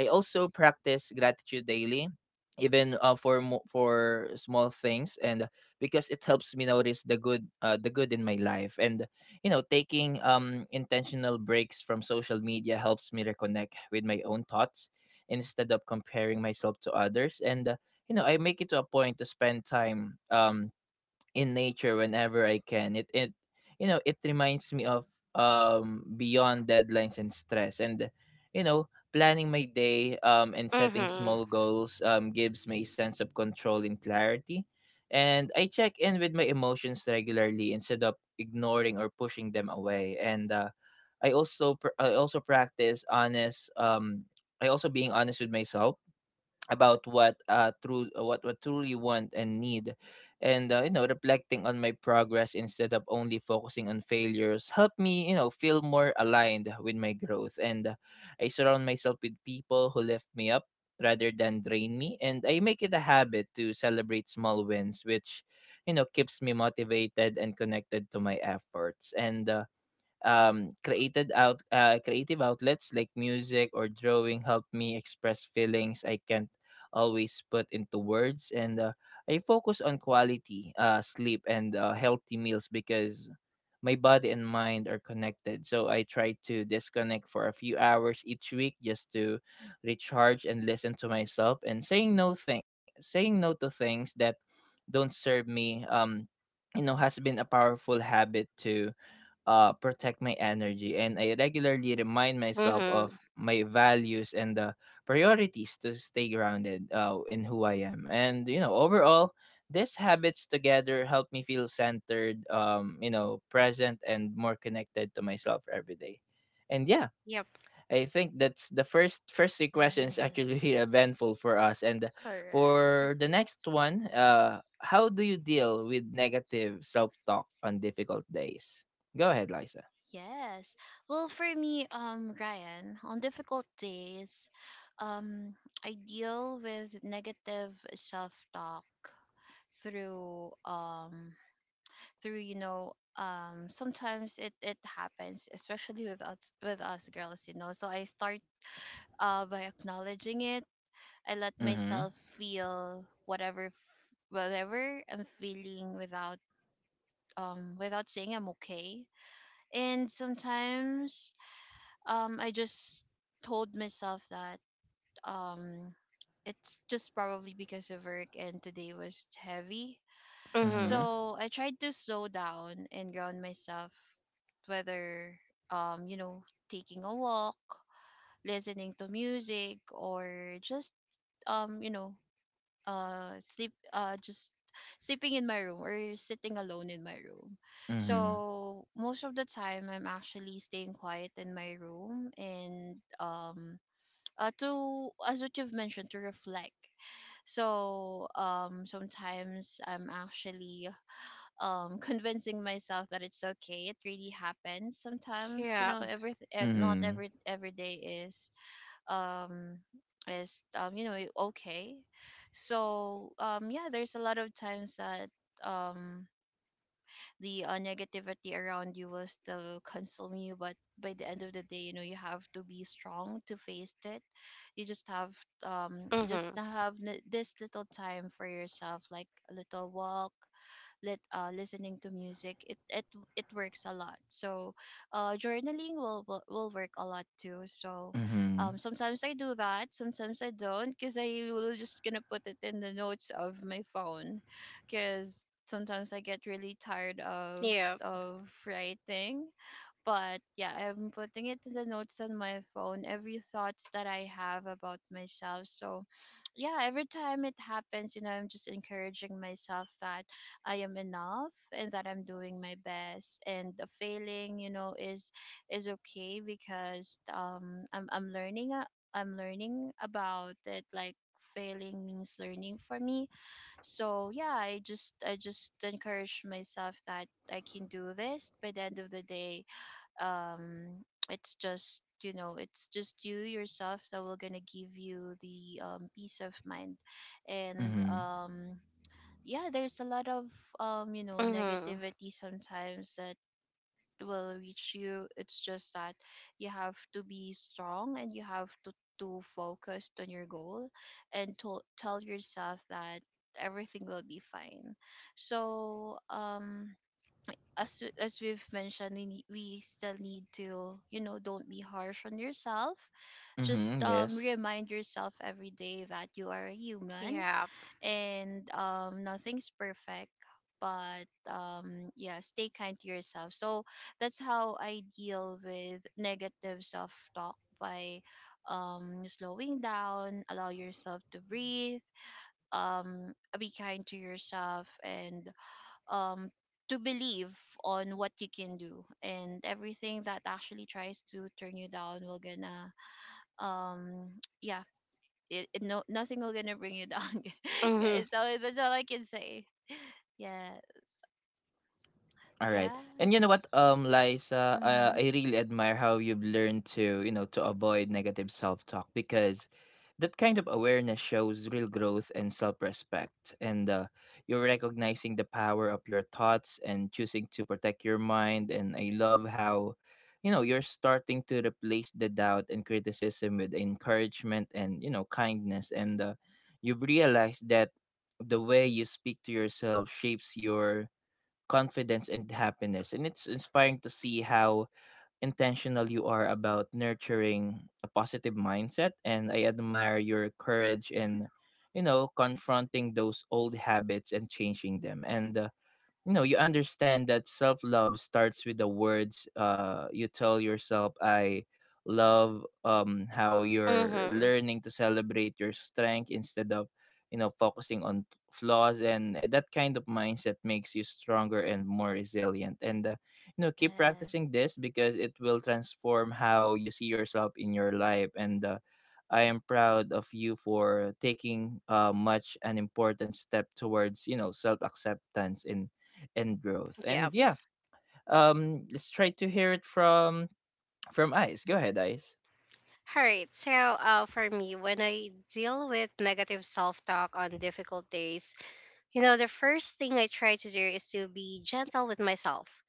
A: even for small things, and because it helps me notice the good in my life. And, you know, taking intentional breaks from social media helps me reconnect with my own thoughts instead of comparing myself to others. And you know, I make it to a point to spend time in nature whenever I can. It you know, it reminds me of beyond deadlines and stress. And, you know, planning my day and setting
C: Mhm.
A: small goals gives me a sense of control and clarity. And I check in with my emotions regularly instead of ignoring or pushing them away. And I also practice honest I also being honest with myself about what truly want and need. And you know, reflecting on my progress instead of only focusing on failures help me, you know, feel more aligned with my growth. And I surround myself with people who lift me up rather than drain me, and I make it a habit to celebrate small wins, which, you know, keeps me motivated and connected to my efforts. And created out creative outlets like music or drawing help me express feelings I can't always put into words. And I focus on quality sleep and healthy meals, because my body and mind are connected. So I try to disconnect for a few hours each week just to recharge and listen to myself. And saying no to things that don't serve me you know, has been a powerful habit to protect my energy. And I regularly remind myself
C: Mhm.
A: of my values and the priorities to stay grounded in who I am. And, you know, overall, these habits together help me feel centered, you know, present and more connected to myself every day. And yeah,
C: Yep.
A: I think that's the first three questions actually
B: Yes.
A: eventful for us. And
B: Correct.
A: for the next one, how do you deal with negative self talk on difficult days? Go ahead, Liza.
B: Yes. Well, for me, Ryan, on difficult days, um, I deal with negative self-talk through um through, you know, sometimes it it happens, especially with us girls, you know. So I start by acknowledging it. I let myself
A: Mhm.
B: feel whatever I'm feeling without without saying I'm okay. And sometimes I just told myself that um it's just probably because of work and today was heavy.
C: Mhm.
A: Mhm.
B: So I tried to slow down and ground myself, whether you know, taking a walk, listening to music, or just, you know, sleep just sleeping in my room or sitting alone in my room.
A: Mhm.
B: So most of the time I'm actually staying quiet in my room, and to as what you've mentioned, to reflect. So sometimes I'm actually convincing myself that it's okay. It really happens sometimes, you
C: Yeah.
B: know. Not every
A: Mhm.
B: every day is um you know okay. So yeah, there's a lot of times that um the negativity around you will still consume you, but by the end of the day, you know, you have to be strong to face it. You just have you just
C: Mhm.
B: have this little time for yourself, like a little walk, lit listening to music. It it works a lot. So journaling will work a lot too. So
A: Mhm.
B: sometimes I do that, sometimes I don't, because I will just gonna put it in the notes of my phone, because sometimes I get really tired
C: Yep.
B: of writing. But yeah, I'm putting it to the notes on my phone, every thoughts that I have about myself. So yeah, every time it happens, you know, I'm just encouraging myself that I am enough and that I'm doing my best. And the failing, is okay because I'm I'm learning about it. Like, failing means learning for me. So yeah, I just encourage myself that I can do this by the end of the day. um it's just, it's just you yourself that will gonna give you the peace of mind. And
A: Mhm.
B: Yeah, there's a lot of
C: Mhm.
B: negativity sometimes that will reach you. It's just that you have to be strong and you have to focus on your goal and to tell yourself that everything will be fine. so um as we've mentioned, we still need to, don't be harsh on yourself. Just
A: Mhm. Yes.
B: remind yourself every day that you are a human,
C: Yeah.
B: and nothing's perfect. But yeah, stay kind to yourself. So that's how I deal with negative self talk by slowing down, allow yourself to breathe, um be kind to yourself, and um to believe on what you can do. And everything that actually tries to turn you down will gonna um yeah, it no nothing will gonna bring you down.
C: Mhm.
B: Guys, so that's all I can say. Yeah.
A: All right. And you know what,
B: Yeah.
A: Liza, I really admire
B: Mm-hmm.
A: how you've learned to, you know, to avoid negative self-talk, because that kind of awareness shows real growth and self-respect. And you're recognizing the power of your thoughts and choosing to protect your mind, and I love how, you know, you're starting to replace the doubt and criticism with encouragement and, you know, kindness. And you've realized that the way you speak to yourself shapes your confidence and happiness, and it's inspiring to see how intentional you are about nurturing a positive mindset. And I admire your courage in, you know, confronting those old habits and changing them. And you know, you understand that self love starts with the words you tell yourself. I love how you're
C: Mhm.
A: learning to celebrate your strength instead of, you know, focusing on flaws. And that kind of mindset makes you stronger and more resilient. And you know, keep
B: Yes.
A: practicing this, because it will transform how you see yourself in your life. And I am proud of you for taking much an important step towards, you know, self acceptance in and growth.
C: Yeah.
A: And yeah, let's try to hear it from Ice. Go ahead, Ice.
C: All right. So, for me, when I deal with negative self talk on difficult days, you know, the first thing I try to do is to be gentle with myself.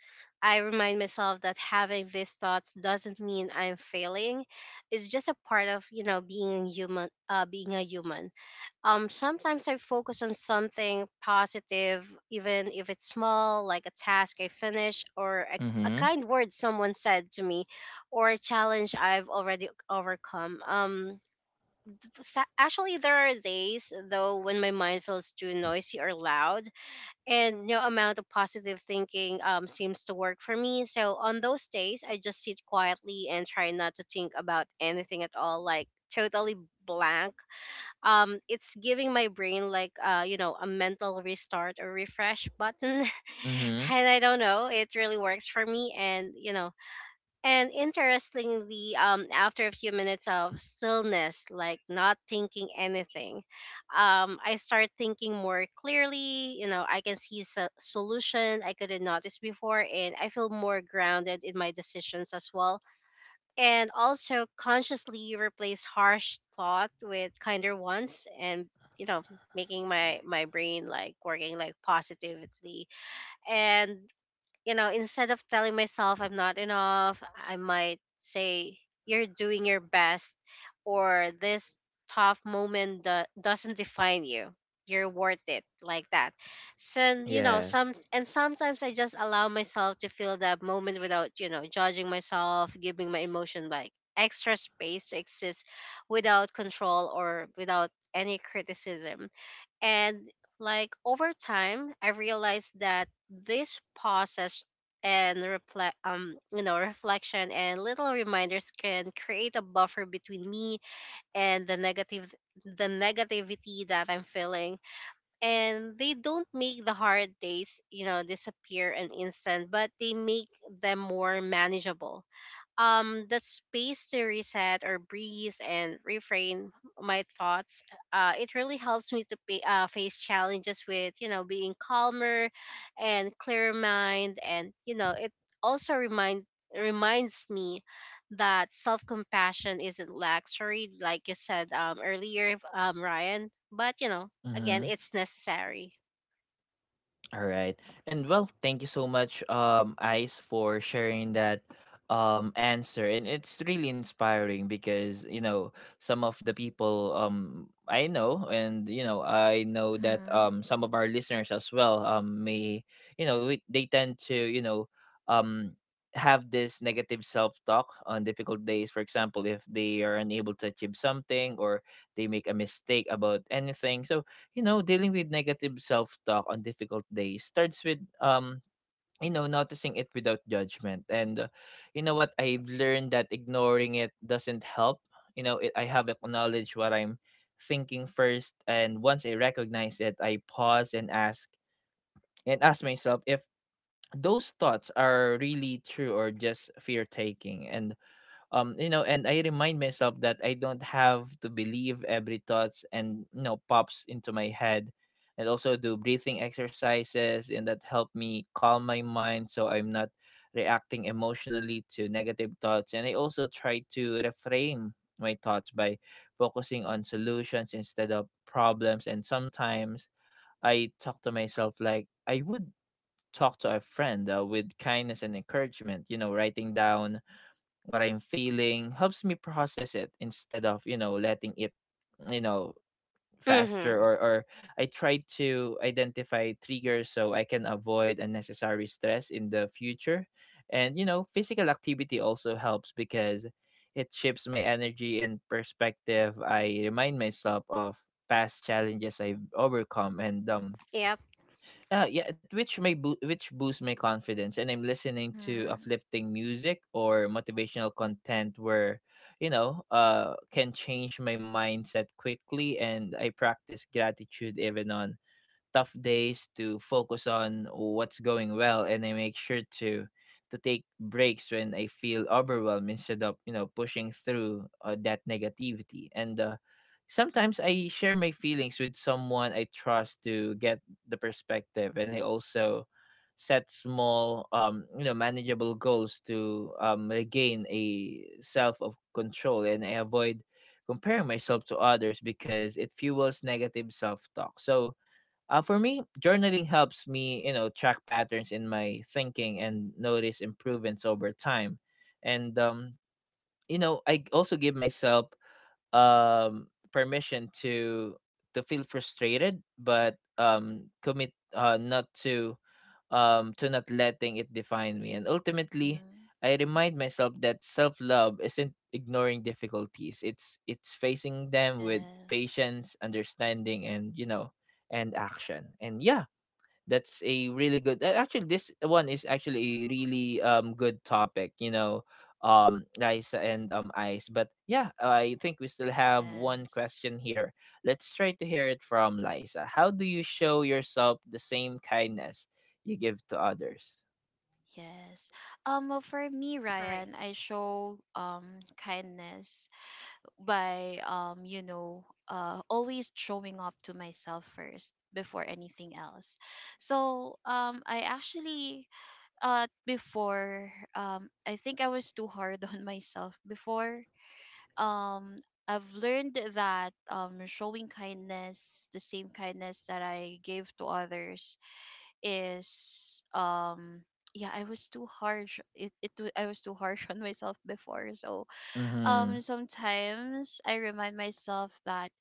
C: I remind myself that having these thoughts doesn't mean I'm failing. It's just a part of, you know, being human, being a human. Sometimes I focus on something positive, even if it's small, like a task I finish, or a
A: Mm-hmm.
C: kind word someone said to me, or a challenge I've already overcome. Actually, there are days though when my mind feels too noisy or loud, and no amount of positive thinking seems to work for me. So on those days I just sit quietly and try not to think about anything at all, like totally blank. It's giving my brain like you know a mental restart or refresh button.
A: Mm-hmm.
C: And I don't know, it really works for me. And you know, and interestingly, after a few minutes of stillness, like not thinking anything, I start thinking more clearly, you know, I can see a solution I couldn't notice before, and I feel more grounded in my decisions as well. And also consciously replace harsh thought with kinder ones. And you know, making my brain like working like positively. And you know, instead of telling myself I'm not enough, I might say, you're doing your best, or this tough moment doesn't define you. You're worth it, like that. So, you know,
A: Yes.
C: sometimes I just allow myself to feel that moment without, you know, judging myself, giving my emotion like extra space to exist without control or without any criticism. And like over time, I realized that this process and reflect you know reflection and little reminders can create a buffer between me and the negativity that I'm feeling, and they don't make the hard days, you know, disappear in instant, but they make them more manageable. The space to reset or breathe and reframe my thoughts, it really helps me to face challenges with, you know, being calmer and clearer mind. And you know, it also reminds me that self-compassion isn't luxury, like you said earlier, Ryan, but you know, again,
A: Mm-hmm.
C: it's necessary.
A: All right. And well, thank you so much, Ice, for sharing that answer. And it's really inspiring, because, you know, some of the people I know, and you know, I know that
B: Mm-hmm.
A: some of our listeners as well may, you know, they tend to, you know, um have this negative self-talk on difficult days, for example if they are unable to achieve something or they make a mistake about anything. So, you know, dealing with negative self talk on difficult days starts with, you know, noticing it without judgment. And you know what? I've learned that ignoring it doesn't help. You know, it, I have acknowledged what I'm thinking first. And once I recognize it, I pause and ask myself if those thoughts are really true, or just fear taking. And you know, and I remind myself that I don't have to believe every thoughts and, you know, pops into my head. And also do breathing exercises, and that help me calm my mind, so I'm not reacting emotionally to negative thoughts. And I also try to reframe my thoughts by focusing on solutions instead of problems. And sometimes I talk to myself like I would talk to a friend, with kindness and encouragement. You know, writing down what I'm feeling helps me process it instead of, you know, letting it, you know, faster
C: Mm-hmm.
A: or I try to identify triggers so I can avoid unnecessary stress in the future. And, you know, physical activity also helps, because it shifts my energy and perspective. I remind myself of past challenges I've overcome, and
C: Yep.
A: yeah, which boosts my confidence. And I'm listening to
B: Mm-hmm.
A: uplifting music or motivational content where, you know, can change my mindset quickly. And I practice gratitude even on tough days to focus on what's going well. And I make sure to take breaks when I feel overwhelmed instead of, you know, pushing through that negativity. And sometimes I share my feelings with someone I trust to get the perspective. And I also set small, you know, manageable goals to regain a self of control. And I avoid comparing myself to others, because it fuels negative self talk. So for me, journaling helps me, you know, track patterns in my thinking and notice improvements over time. And you know, I also give myself permission to feel frustrated, but commit not to to not letting it define me. And ultimately,
B: Mm-hmm.
A: I remind myself that self love isn't ignoring difficulties. It's facing them with
B: Yes.
A: patience, understanding, and, you know, and action. And yeah, that's a really good actually this one is actually a really good topic, you know, Liza and Ice. But yeah, I think we still have one
B: Yes.
A: question here. Let's try to hear it from Liza. How do you show yourself the same kindness you give to others?
B: Yes. Well, for me,
C: Right.
B: Ryan, I show kindness by, always showing up to myself first before anything else. So I actually, before I think I was too hard on myself before. um I've learned that showing kindness, the same kindness that I gave to others, is yeah, I was too harsh. I was too harsh on myself before. So
A: Mm-hmm.
B: sometimes I remind myself that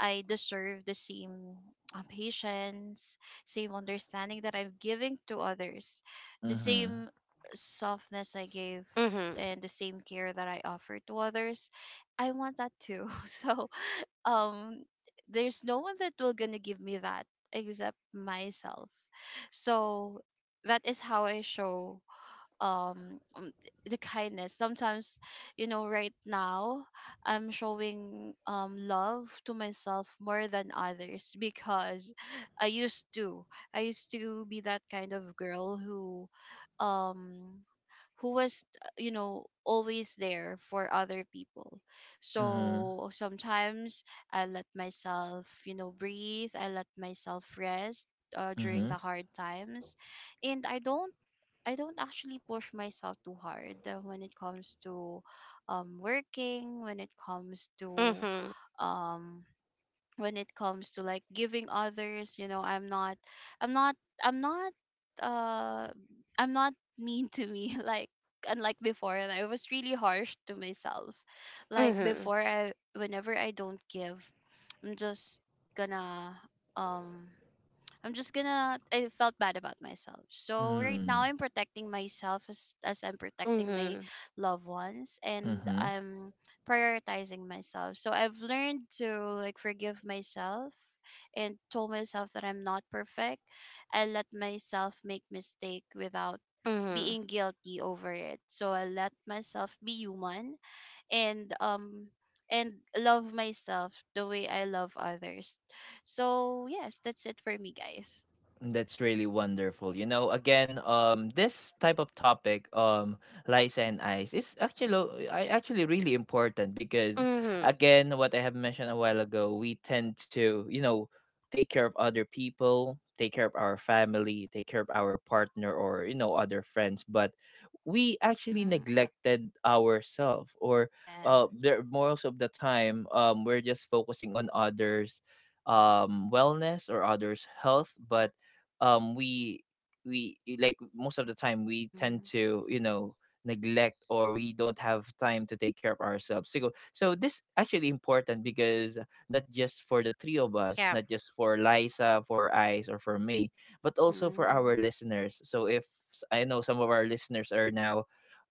B: I deserve the same patience, same understanding that I'm giving to others, the
A: Mm-hmm.
B: same softness I gave,
C: Mm-hmm.
B: and the same care that I offer to others. I want that too. So um there's no one that will gonna give me that except myself. So that is how I show um um, the kindness. Sometimes, you know, right now I'm showing love to myself more than others, because i used to I used to be that kind of girl um who was, always there for other people.
A: Mm-hmm.
B: So sometimes I let myself, you know, breathe. I let myself rest during
A: Mm-hmm.
B: the hard times. And I don't I don't actually push myself too hard, when it comes to working, when it comes to
C: Mm-hmm.
B: um when it comes to, like, giving others, you know. I'm not I'm not uh I'm not mean to me, like, unlike before, and I was really harsh to myself. Like,
C: Mm-hmm.
B: before, I whenever I don't give, I'm just gonna um I'm just gonna, I felt bad about myself. So right now I'm protecting myself as I'm protecting my
C: Mm-hmm.
B: loved ones, and
A: Mm-hmm.
B: I'm prioritizing myself. So I've learned to, like, forgive myself and told myself that I'm not perfect. I let myself make mistake without being guilty over it. So I let myself be human, and and love myself the way I love others. So yes, that's it for me, guys.
A: That's really wonderful. You know, again, this type of topic, lies and eyes, is actually I actually really important, because,
C: Mm-hmm.
A: again, what I have mentioned a while ago, we tend to, you know, take care of other people, take care of our family, take care of our partner or, you know, other friends, but we actually
B: Mm-hmm.
A: neglected ourselves. Or
B: Yeah.
A: there most of the time, we're just focusing on others, wellness or others' health, but um we we like most of the time we tend
B: Mm-hmm.
A: to, you know, neglect or we don't have time to take care of ourselves. So, so this actually important, because not just for the three of us,
C: Yep.
A: not just for Liza, for Ice or for me, but also for
B: Mm-hmm.
A: our listeners. So if I know some of our listeners are now,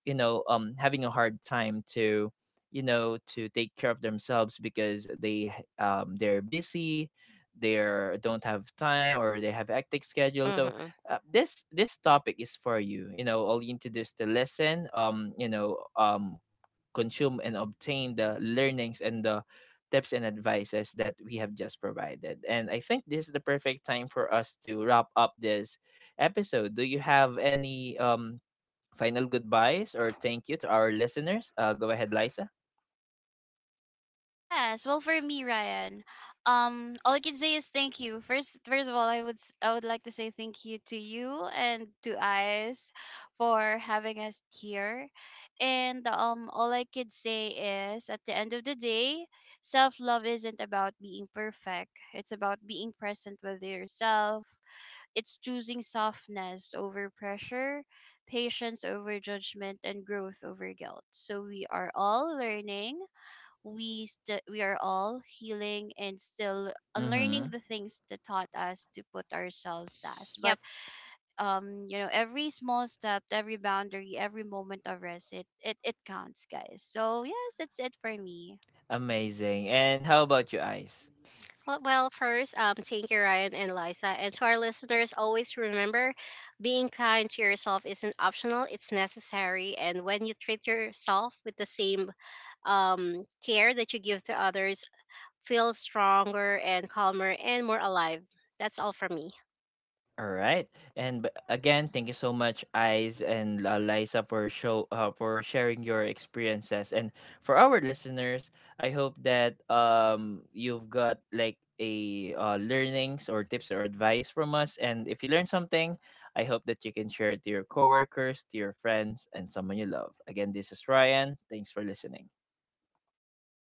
A: you know, having a hard time to, you know, to take care of themselves, because they they're busy, they are don't have time, or they have hectic schedule. So
C: Mm-hmm.
A: this topic is for you. You know, all you need to do is to listen, you know, consume and obtain the learnings and the tips and advices that we have just provided. And I think this is the perfect time for us to wrap up this episode. Do you have any final goodbyes or thank you to our listeners? Go ahead, Liza.
B: Yes, well, for me, Ryan, all I can say is thank you. First of all, I would like to say thank you to you and to Ice for having us here. And all I could say is, at the end of the day, self love isn't about being perfect. It's about being present with yourself. It's choosing softness over pressure, patience over judgment, and growth over guilt. So we are all learning, we are all healing and still unlearning
A: Mm-hmm.
B: the things that taught us to put ourselves last. But
C: Yep.
B: you know, every small step, every boundary, every moment of rest, it counts, guys. So yes, that's it for me.
A: Amazing. And how about you, Ice?
C: Well, well, first, thank you, Ryan and Liza. And to our listeners, always remember, being kind to yourself isn't optional, it's necessary. And when you treat yourself with the same care that you give to others, feel stronger and calmer and more alive. That's all for me.
A: All right. And again, thank you so much, Eyes and Liza, for show for sharing your experiences. And for our listeners, I hope that you've got like a learnings or tips or advice from us. And if you learned something, I hope that you can share it to your coworkers, to your friends, and someone you love. Again, this is Ryan. Thanks for listening.